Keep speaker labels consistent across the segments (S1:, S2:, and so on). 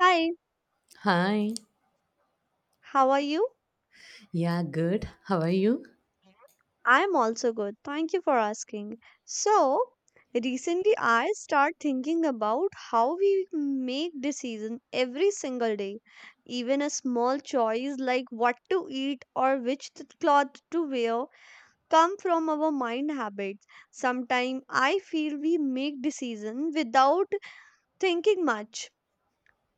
S1: Hi,
S2: Hi.
S1: how are you?
S2: Yeah, good. How are you?
S1: I'm also good. Thank you for asking. So, recently I start thinking about how we make decisions every single day. Even a small choice like what to eat or which cloth to wear come from our mind habits. Sometimes I feel we make decisions without thinking much.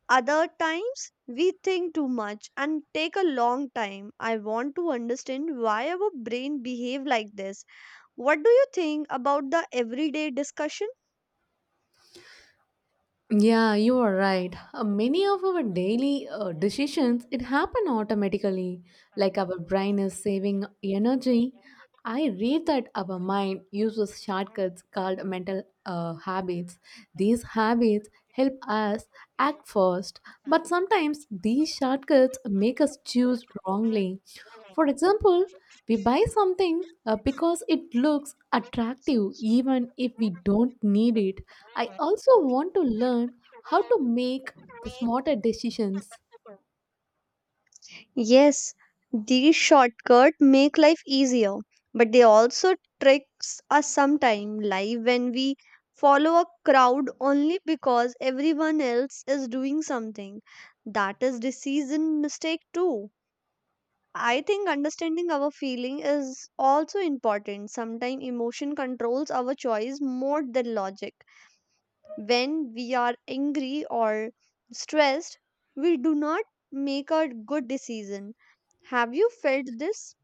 S1: Other times, we think too much and take a long time. I want to understand why our brain behave like this. What do you think about the everyday discussion?
S2: Yeah, you are right. Many of our daily decisions it happen automatically, like our brain is saving energy. I read that our mind uses shortcuts called mental habits. These habits help us act first, but sometimes these shortcuts make us choose wrongly. For example, we buy something because it looks attractive even if we don't need it. I also want to learn how to make the smarter decisions.
S1: Yes, these shortcuts make life easier, but they also tricks us sometime life when we follow a crowd only because everyone else is doing something. That is decision mistake too. I think understanding our feeling is also important. Sometimes emotion controls our choice more than logic. When we are angry or stressed, we do not make a good decision. Have you felt this?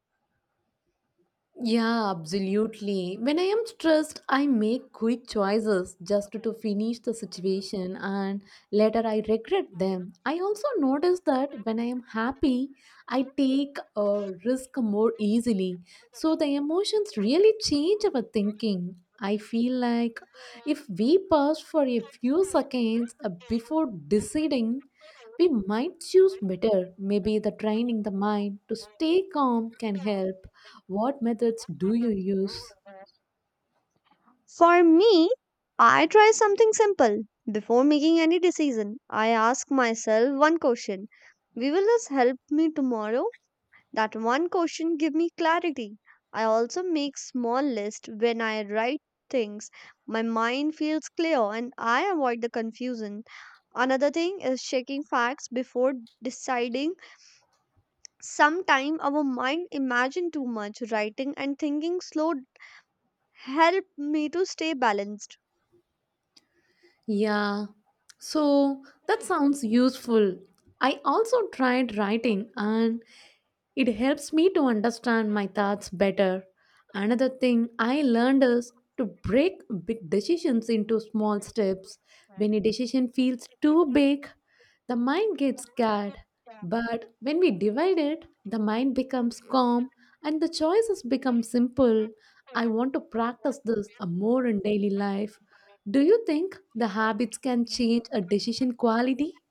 S2: Yeah, absolutely. When I am stressed, I make quick choices just to finish the situation and later I regret them. I also notice that when I am happy, I take a risk more easily. So the emotions really change our thinking. I feel like if we pause for a few seconds before deciding, we might choose better. Maybe the training the mind to stay calm can help. What methods do you use?
S1: For me, I try something simple. Before making any decision, I ask myself one question. Will this help me tomorrow? That one question give me clarity. I also make small list when I write things. My mind feels clear and I avoid the confusion. Another thing is checking facts before deciding. Sometime our mind imagine too much. Writing and thinking slow help me to stay balanced.
S2: Yeah, so that sounds useful. I also tried writing and it helps me to understand my thoughts better. Another thing I learned is to break big decisions into small steps. When a decision feels too big, the mind gets scared. But when we divide it, the mind becomes calm and the choices become simple. I want to practice this more in daily life. Do you think the habits can change a decision quality?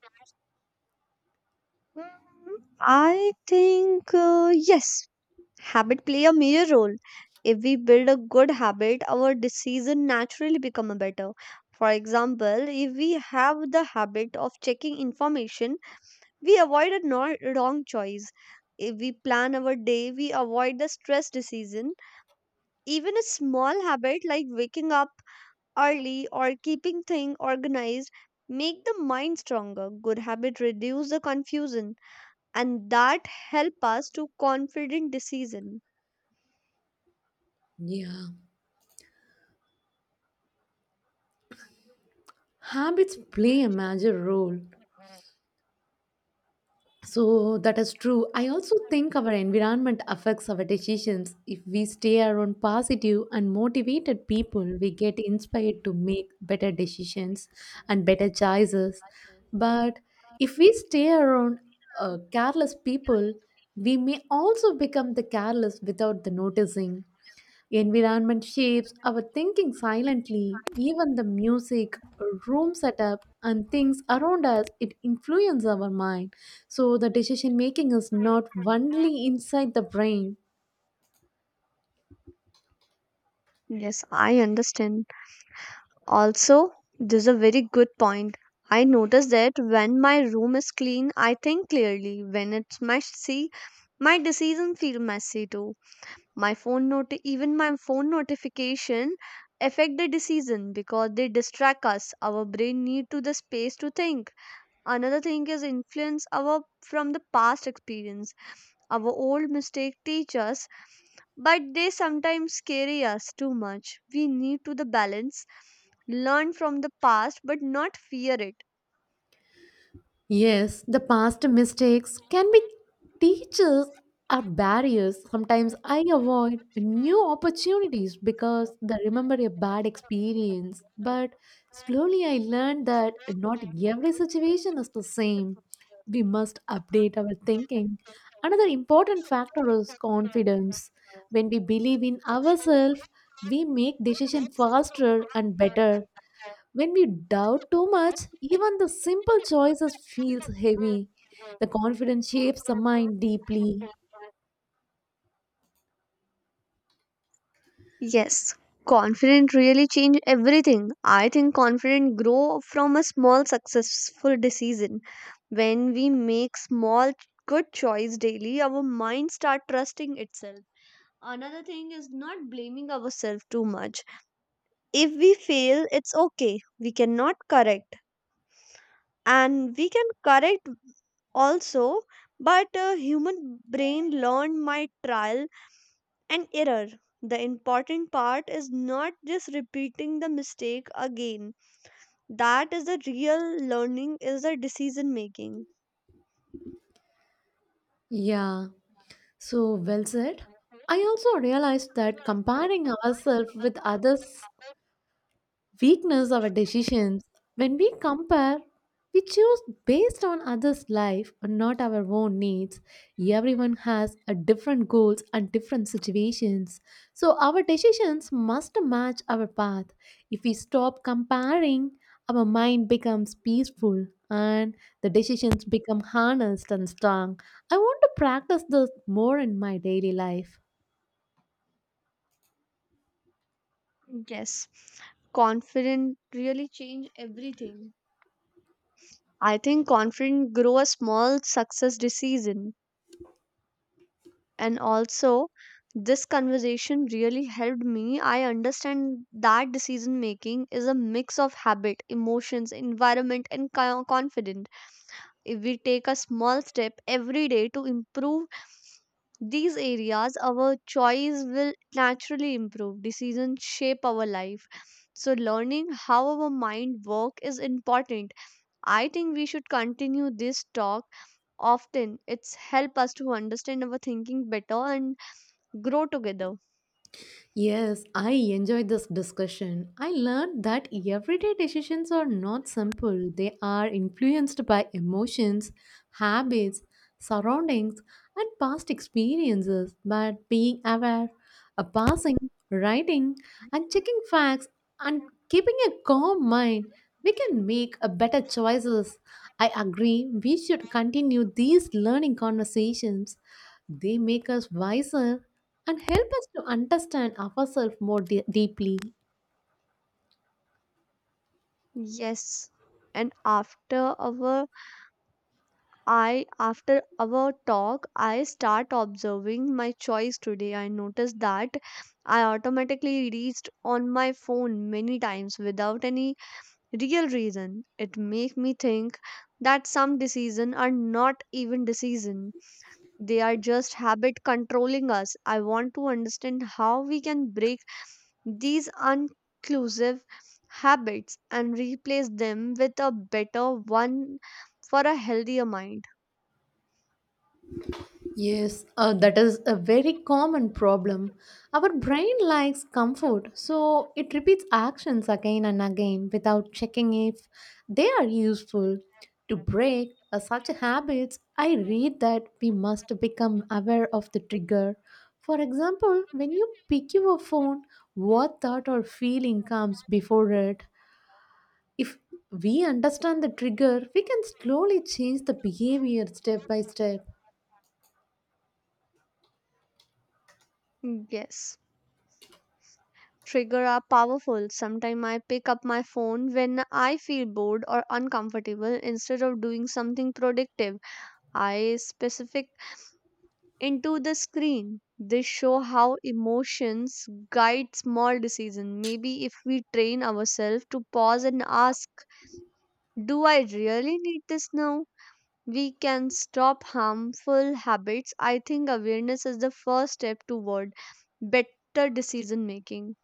S1: I think yes, Habit play a major role. If we build a good habit, our decision naturally become a better. For example, if we have the habit of checking information, we avoid a wrong choice. If we plan our day, we avoid the stress decision. Even a small habit like waking up early or keeping things organized make the mind stronger. Good habit reduce the confusion and that help us to confident decision.
S2: Yeah. Habits play a major role. So that is true. I also think our environment affects our decisions. If we stay around positive and motivated people, we get inspired to make better decisions and better choices. But if we stay around careless people, we may also become the careless without the noticing. Environment shapes our thinking silently, even the music, room setup, and things around us, it influences our mind. So, the decision making is not only inside the brain.
S1: Yes, I understand. Also, this is a very good point. I notice that when my room is clean, I think clearly. When it's messy, my decisions feel messy too. Even my phone notification affect the decision because they distract us. Our brain need to the space to think. Another thing is influence our from the past experience. Our old mistake teach us, but they sometimes scare us too much. We need to the balance learn from the past but not fear it.
S2: Yes, the past mistakes can be teachers or barriers. Sometimes I avoid new opportunities because they remember a bad experience. But slowly I learned that not every situation is the same. We must update our thinking. Another important factor is confidence. When we believe in ourselves, we make decisions faster and better. When we doubt too much, even the simple choices feels heavy. The confidence shapes the mind deeply.
S1: Yes, confident really change everything. I think confident grow from a small successful decision. When we make small good choice daily our mind start trusting itself. Another thing is not blaming ourselves too much. If we fail it's okay, we cannot correct and we can correct also, but a human brain learn my trial and error. The important part is not just repeating the mistake again. That is the real learning is the decision making.
S2: Yeah, well said. I also realized that comparing ourselves with others weakness our decisions. When we compare, we choose based on others life and not our own needs. Everyone has a different goals and different situations, so our decisions must match our path. If we stop comparing, our mind becomes peaceful and the decisions become honest and strong. I want to practice this more in my daily life.
S1: Yes, confident really change everything. I think confident grow a small success decision and also this conversation really helped me. I understand that decision making is a mix of habit, emotions, environment and co- confidence. If we take a small step every day to improve these areas, our choice will naturally improve. Decisions shape our life. So, learning how our mind work is important. I think we should continue this talk often. It's help us to understand our thinking better and grow together.
S2: Yes, I enjoyed this discussion. I learned that everyday decisions are not simple, they are influenced by emotions, habits, surroundings, and past experiences. But being aware, a passing, writing, and checking facts, and keeping a calm mind, we can make a better choices. I agree, we should continue these learning conversations. They make us wiser and help us to understand ourselves more deeply.
S1: Yes. And after our I after our talk, I start observing my choice today. I noticed that I automatically reached on my phone many times without any real reason. It make me think that some decision are not even decision. They are just habit controlling us. I want to understand how we can break these inclusive habits and replace them with a better one for a healthier mind.
S2: Yes, that is a very common problem. Our brain likes comfort, so it repeats actions again and again without checking if they are useful. To break such habits, I read that we must become aware of the trigger. For example, when you pick your phone, what thought or feeling comes before it? If we understand the trigger, we can slowly change the behavior step by step.
S1: Yes. Trigger are powerful. Sometimes I pick up my phone when I feel bored or uncomfortable instead of doing something productive. I specific into the screen. This show how emotions guide small decisions. Maybe if we train ourselves to pause and ask, "Do I really need this now?" We can stop harmful habits. I think awareness is the first step toward better decision making.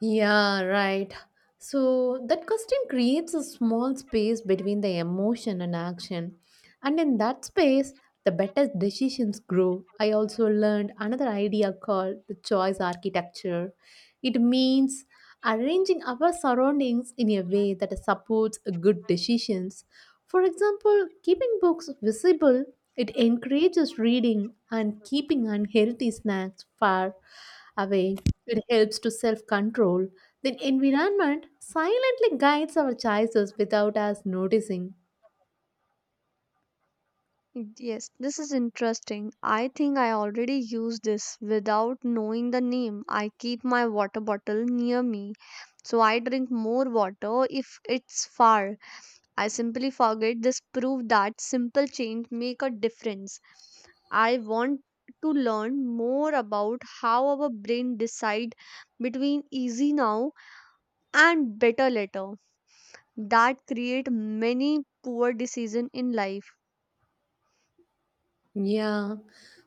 S2: Yeah, right. So that question creates a small space between the emotion and action. And in that space, the better decisions grow. I also learned another idea called the choice architecture. It means arranging our surroundings in a way that supports good decisions. For example, keeping books visible, it encourages reading and keeping unhealthy snacks far away. It helps to self control. The environment silently guides our choices without us noticing.
S1: Yes, this is interesting. I think I already use this without knowing the name. I keep my water bottle near me, so I drink more water if it's far. I simply forget this proof that simple change make a difference. I want to learn more about how our brain decide between easy now and better later, that create many poor decision in life.
S2: Yeah.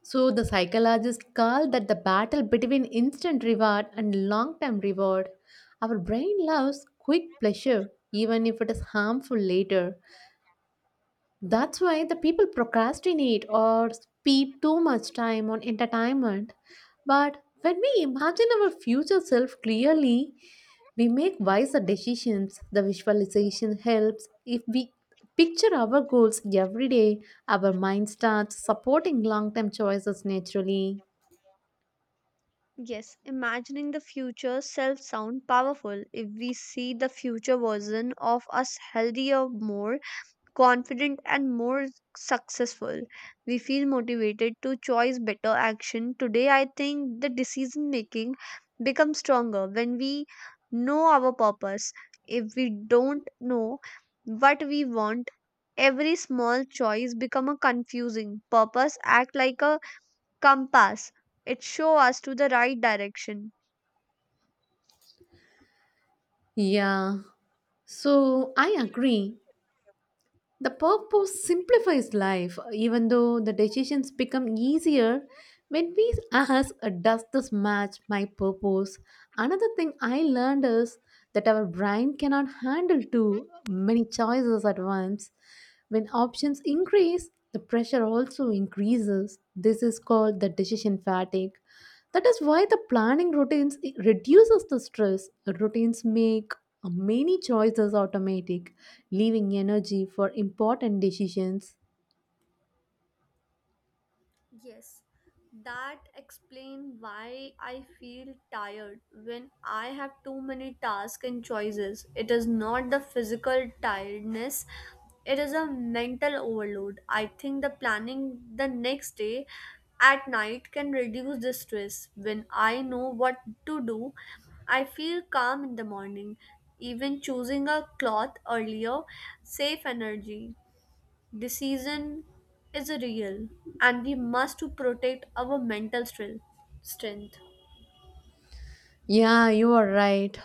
S2: So the psychologists call that the battle between instant reward and long term reward. Our brain loves quick pleasure, even if it is harmful later. That's why the people procrastinate or spend too much time on entertainment. But when we imagine our future self clearly, we make wiser decisions. The visualization helps. If we picture our goals every day, our mind starts supporting long term choices naturally.
S1: Yes, imagining the future self sound powerful. If we see the future version of us healthier, more confident and more successful, we feel motivated to choose better action. Today I think the decision making becomes stronger when we know our purpose. If we don't know what we want, every small choice become a confusing purpose act like a compass. It show us to the right direction.
S2: Yeah, I agree. The purpose simplifies life, even though the decisions become easier when we ask, does this match my purpose? Another thing I learned is that our brain cannot handle too many choices at once. When options increase, the pressure also increases. This is called the decision fatigue. That is why the planning routines it reduces the stress. Routines make many choices automatic, leaving energy for important decisions.
S1: Yes, that explains why I feel tired when I have too many tasks and choices. It is not the physical tiredness, it is a mental overload. I think the planning the next day at night can reduce the stress. When I know what to do, I feel calm in the morning. Even choosing a cloth earlier, save energy. Decision is a real, and we must to protect our mental strength. Strength.
S2: Yeah, you are right.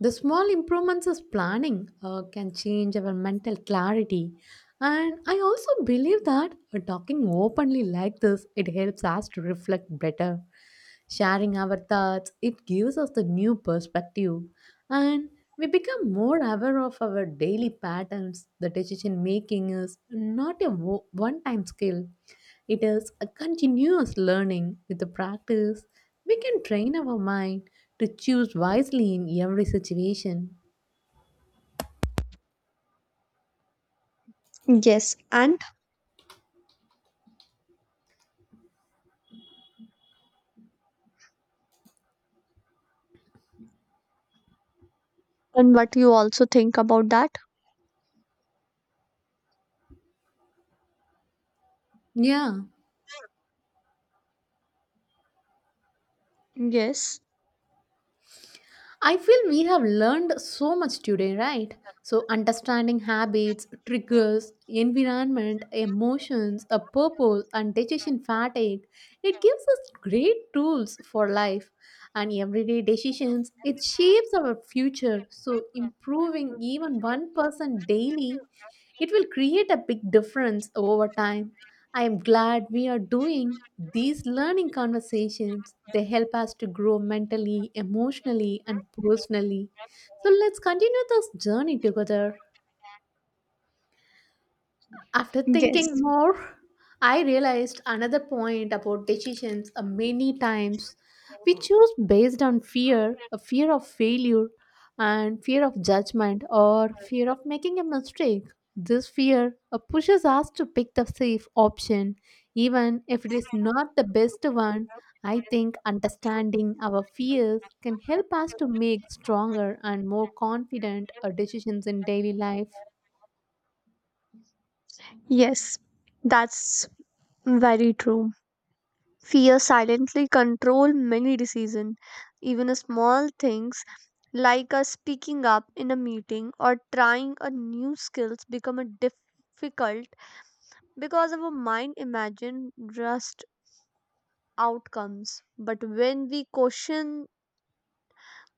S2: The small improvements as planning can change our mental clarity. And I also believe that talking openly like this, it helps us to reflect better. Sharing our thoughts, it gives us the new perspective. And we become more aware of our daily patterns. The decision making is not a one time skill. It is a continuous learning. With the practice, we can train our mind to choose wisely in every situation.
S1: Yes, and what you also think about that?
S2: Yeah.
S1: Yes,
S2: I feel we have learned so much today, right? So, understanding habits, triggers, environment, emotions, a purpose, and decision fatigue, it gives us great tools for life and everyday decisions. It shapes our future. So, improving even 1% daily, it will create a big difference over time. I am glad we are doing these learning conversations. They help us to grow mentally, emotionally, and personally. So let's continue this journey together. After thinking more, I realized another point about decisions. Many times we choose based on fear, a fear of failure, and fear of judgment, or fear of making a mistake. This fear pushes us to pick the safe option, even if it is not the best one. I think understanding our fears can help us to make stronger and more confident decisions in daily life.
S1: yes, that's very true. Fear silently control many decisions, even a small things like us speaking up in a meeting or trying a new skills become a difficult because our mind imagine outcomes. But when we question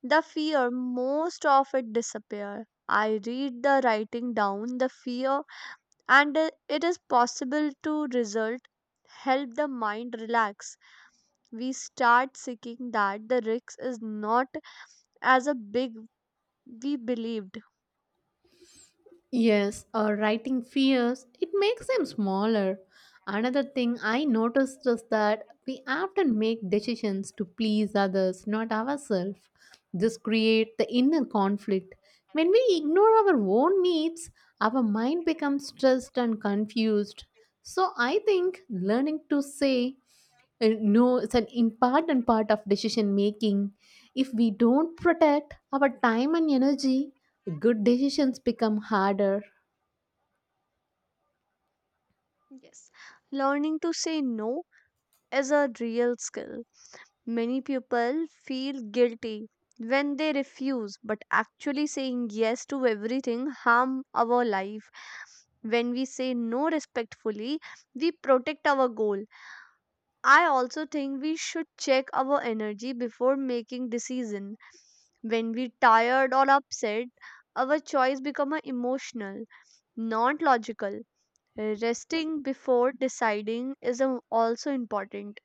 S1: the fear, most of it disappear. I read the writing down the fear and it is possible to result help the mind relax. We start seeking that the risk is not as a big we believed.
S2: Yes, or writing fears, it makes them smaller. Another thing I noticed is that we often make decisions to please others, not ourselves. This creates the inner conflict. When we ignore our own needs, our mind becomes stressed and confused. So I think learning to say no is an important part of decision making. If we don't protect our time and energy, good decisions become harder.
S1: Learning to say no is a real skill. Many people feel guilty when they refuse, but actually saying yes to everything harm our life. When we say no respectfully, we protect our goal. I also think we should check our energy before making decision. When we tired or upset, our choice become a emotional, not logical. Resting before deciding is a- Also important.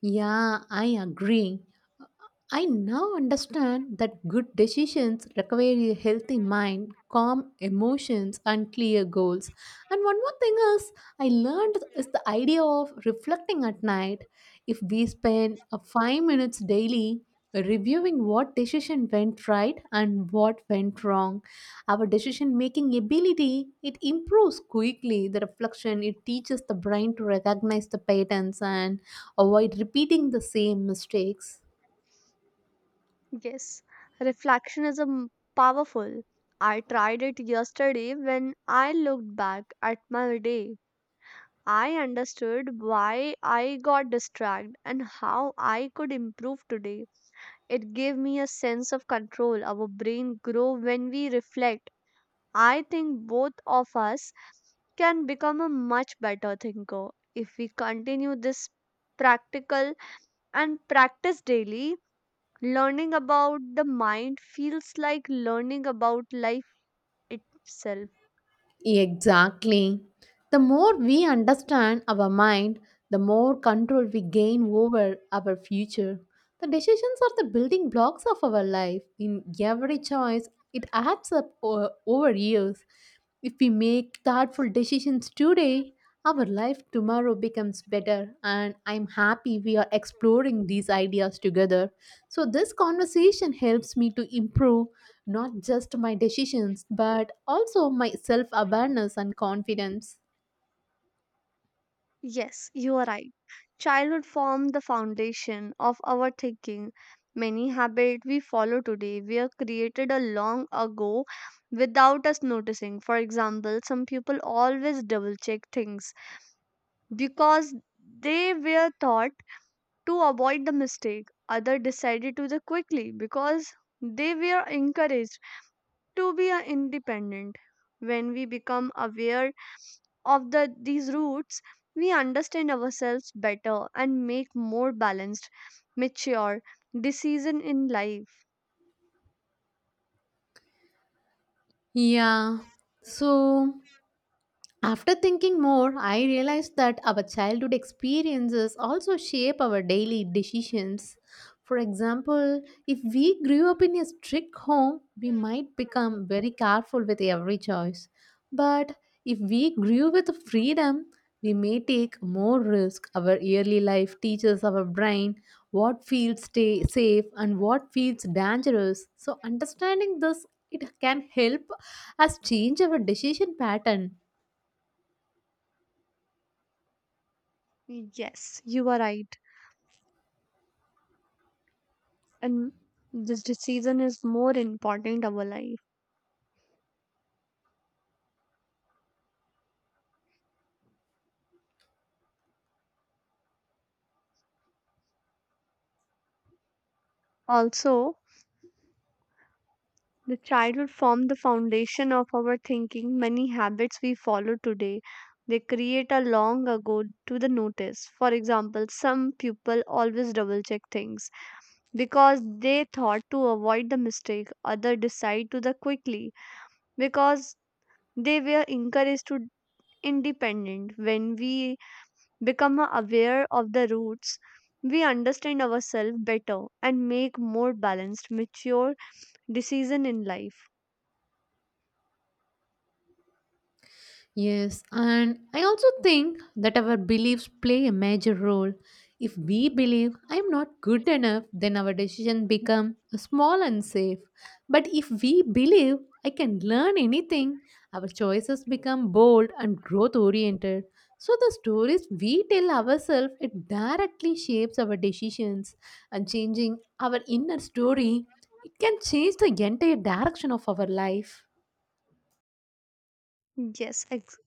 S2: Yeah, I agree. I now understand that good decisions require a healthy mind, calm emotions, and clear goals. And one more thing is, I learned is the idea of reflecting at night. If we spend a 5 minutes daily reviewing what decision went right and what went wrong, our decision making ability it improves quickly. The reflection it teaches the brain to recognize the patterns and avoid repeating the same mistakes.
S1: Yes, reflection is powerful. I tried it yesterday when I looked back at my day. I understood why I got distracted and how I could improve today. It gave me a sense of control. Our brain grow when we reflect. I think both of us can become a much better thinker if we continue this practical and practice daily. Learning about the mind feels like learning about life itself.
S2: Exactly. The more we understand our mind, the more control we gain over our future. The decisions are the building blocks of our life. In every choice, it adds up over years. If we make thoughtful decisions today, our life tomorrow becomes better, and I'm happy we are exploring these ideas together. So, this conversation helps me to improve not just my decisions, but also my self awareness and confidence.
S1: Yes, you are right. Childhood formed the foundation of our thinking. Many habits we follow today were created a long ago without us noticing. For example, some people always double check things because they were taught to avoid the mistake. Others decided to the quickly because they were encouraged to be independent. When we become aware of these roots, we understand ourselves better and make more balanced, mature decision in life.
S2: Yeah. So, After thinking more, I realized that our childhood experiences also shape our daily decisions. For example, if we grew up in a strict home, we might become very careful with every choice. But if we grew with freedom, we may take more risk. Our early life teaches our brain what feels stay safe and what feels dangerous. So understanding this it can help us change our decision pattern.
S1: Yes, you are right. And this decision is more important our life. Also, the childhood formed the foundation of our thinking. Many habits we follow today they create a long ago to the notice. For example, some people always double check things because they thought to avoid the mistake, other decide to the quickly because they were encouraged to independent. When we become aware of the roots, we understand ourselves better and make more balanced mature decision in life.
S2: Yes, and I also think that our beliefs play a major role. If we believe I'm not good enough, then our decision become small and safe. But if we believe I can learn anything, our choices become bold and growth oriented. So the stories we tell ourselves it directly shapes our decisions and changing our inner story it can change the entire direction of our life.
S1: yes ex-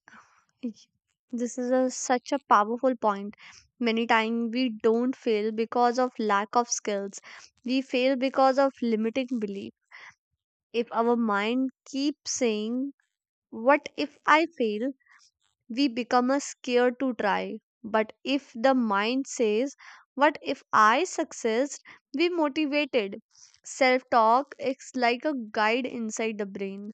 S1: y- this is a, such a powerful point. Many times we don't fail because of lack of skills, we fail because of limiting belief. If our mind keeps saying, What if I fail? We become a scared to try. But if the mind says, What if I success? We motivated. Self talk is like a guide inside the brain.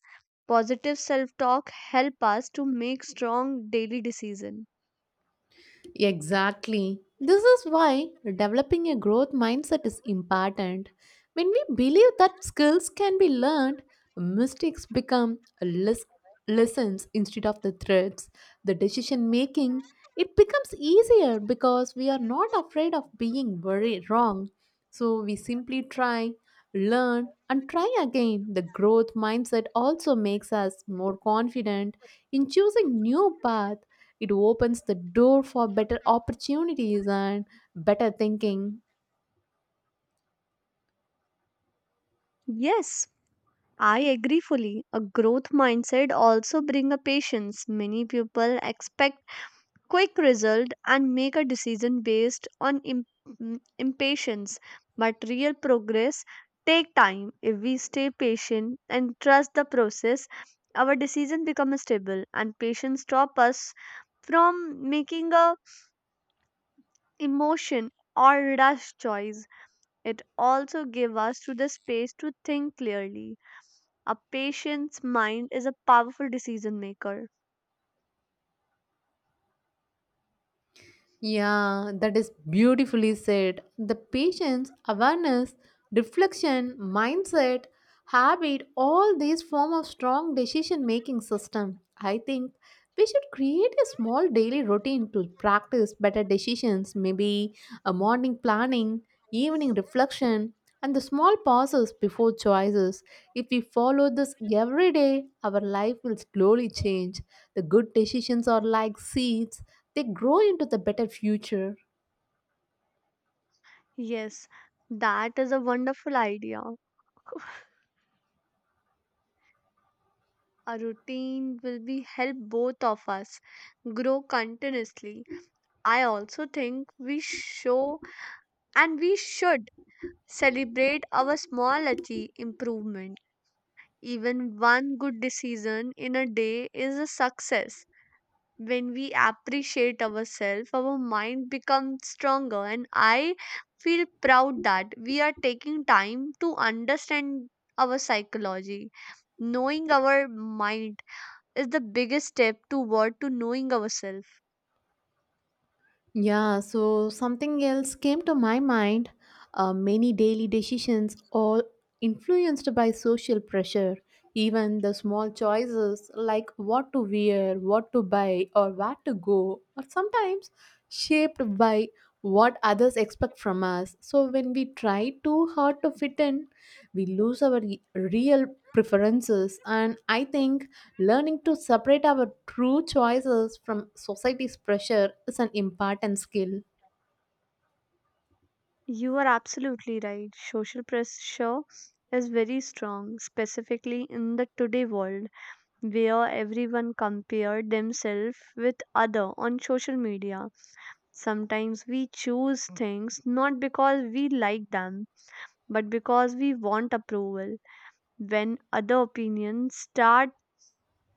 S1: Positive self talk help us to make strong daily decision.
S2: Exactly. This is why developing a growth mindset is important. When we believe that skills can be learned, mistakes become lessons instead of the threats. The decision making it becomes easier because we are not afraid of being very wrong. So we simply try, learn, and try again. The growth mindset also makes us more confident in choosing new path. It opens the door for better opportunities and better thinking.
S1: Yes, I agree fully. A growth mindset also bring a patience. Many people expect quick result and make a decision based on im- mm, impatience. But real progress take time. If we stay patient and trust the process, our decision becomes stable and patience stop us from making a emotion or rash choice. It also give us to the space to think clearly. A patient's mind is a powerful decision maker.
S2: Yeah, that is beautifully said. The patient's awareness, reflection, mindset, habit, all these form of strong decision making system. I think we should create a small daily routine to practice better decisions, maybe a morning planning, evening reflection, and the small pauses before choices. If we follow this every day, our life will slowly change. The good decisions are like seeds, they grow into the better future.
S1: Yes, that is a wonderful idea. A routine will be help both of us grow continuously. I also think we show and We should celebrate our small achieve improvement. Even one good decision in a day is a success. When we appreciate ourselves, our mind becomes stronger, and I feel proud that we are taking time to understand our psychology, knowing our mind is the biggest step toward to knowing ourselves.
S2: Yeah, something else came to my mind. Many daily decisions, all influenced by social pressure. Even the small choices like what to wear, what to buy, or where to go, are sometimes shaped by what others expect from us. So when we try too hard to fit in, we lose our real preferences. And I think learning to separate our true choices from society's pressure is an important skill.
S1: You are absolutely right. Social pressure is very strong, specifically in the today world where everyone compare themselves with other on social media. Sometimes we choose things not because we like them, but because we want approval. When other opinions start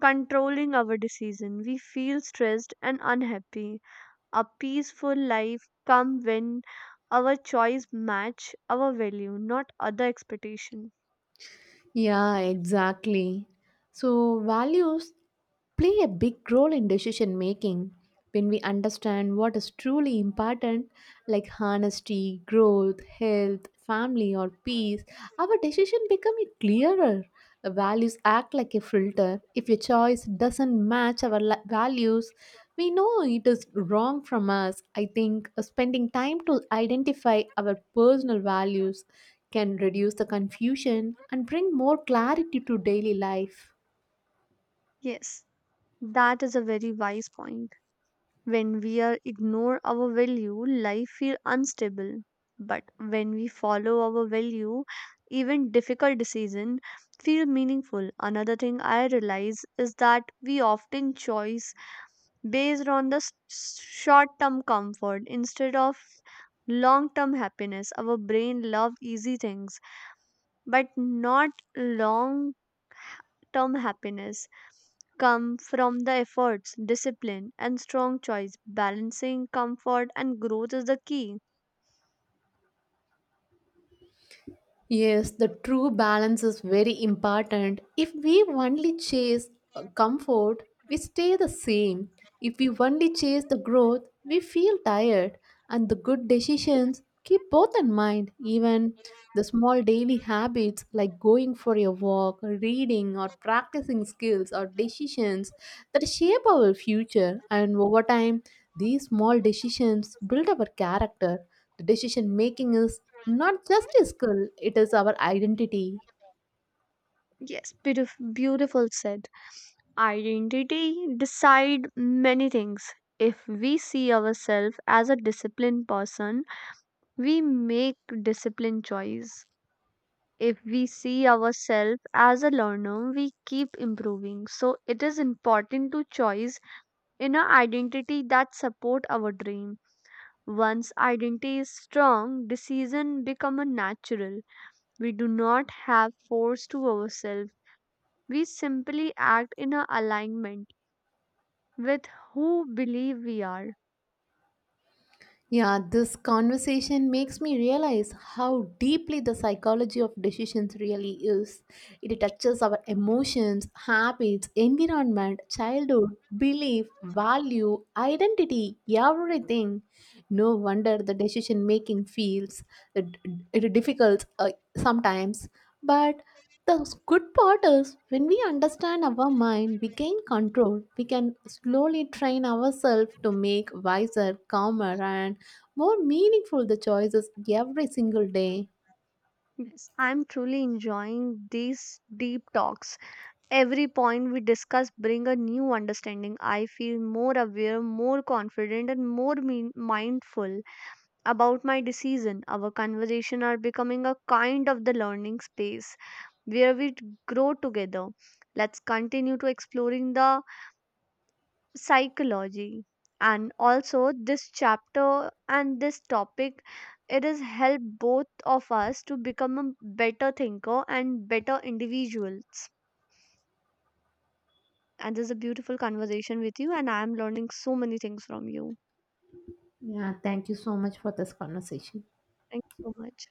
S1: controlling our decision, we feel stressed and unhappy. A peaceful life come when our choice match our value, not other expectation.
S2: Yeah, exactly. So, values play a big role in decision making. When we understand what is truly important, like honesty, growth, health, family, or peace, our decision become clearer. Values act like a filter. If a choice doesn't match our values, we know it is wrong from us. I think spending time to identify our personal values can reduce the confusion and bring more clarity to daily life.
S1: Yes, that is a very wise point. When we are ignore our value, life feel unstable. But when we follow our value, even difficult decision feel meaningful. Another thing I realize is that we often choose based on the s- short term comfort instead of long term happiness. Our brain love easy things, but not long term happiness come from the efforts, discipline, and strong choice. Balancing comfort and growth is the key.
S2: Yes, the true balance is very important. If we only chase comfort, we stay the same. If we only chase the growth, we feel tired. And the good decisions keep both in mind. Even the small daily habits like going for a walk, reading, or practicing skills or decisions that shape our future. And over time, these small decisions build our character. The decision making is not just a skill, it is our identity.
S1: Yes, beautiful said. Identity decide many things. If we see ourselves as a disciplined person, we make disciplined choice. If we see ourselves as a learner, we keep improving. So it is important to choose inner identity that support our dream. Once identity is strong, decision become a natural. We do not have force to ourselves. We simply act in a alignment with who believe we are.
S2: Yeah, this conversation makes me realize how deeply the psychology of decisions really is. It touches our emotions, habits, environment, childhood, belief, value, identity, everything. No wonder the decision making feels it, it difficult sometimes. But the good part is when we understand our mind, we gain control. We can slowly train ourselves to make wiser, calmer, and more meaningful the choices every single day.
S1: Yes, I'm truly enjoying these deep talks. Every point we discuss bring a new understanding. I feel more aware, more confident and more mean- mindful about my decision. Our conversation are becoming a kind of the learning space where we grow together. Let's continue to exploring the psychology and also this chapter and this topic it has helped both of us to become a better thinker and better individuals. And this is a beautiful conversation with you, and I am learning so many things from you.
S2: Yeah, thank you so much for this conversation.
S1: Thank you so much.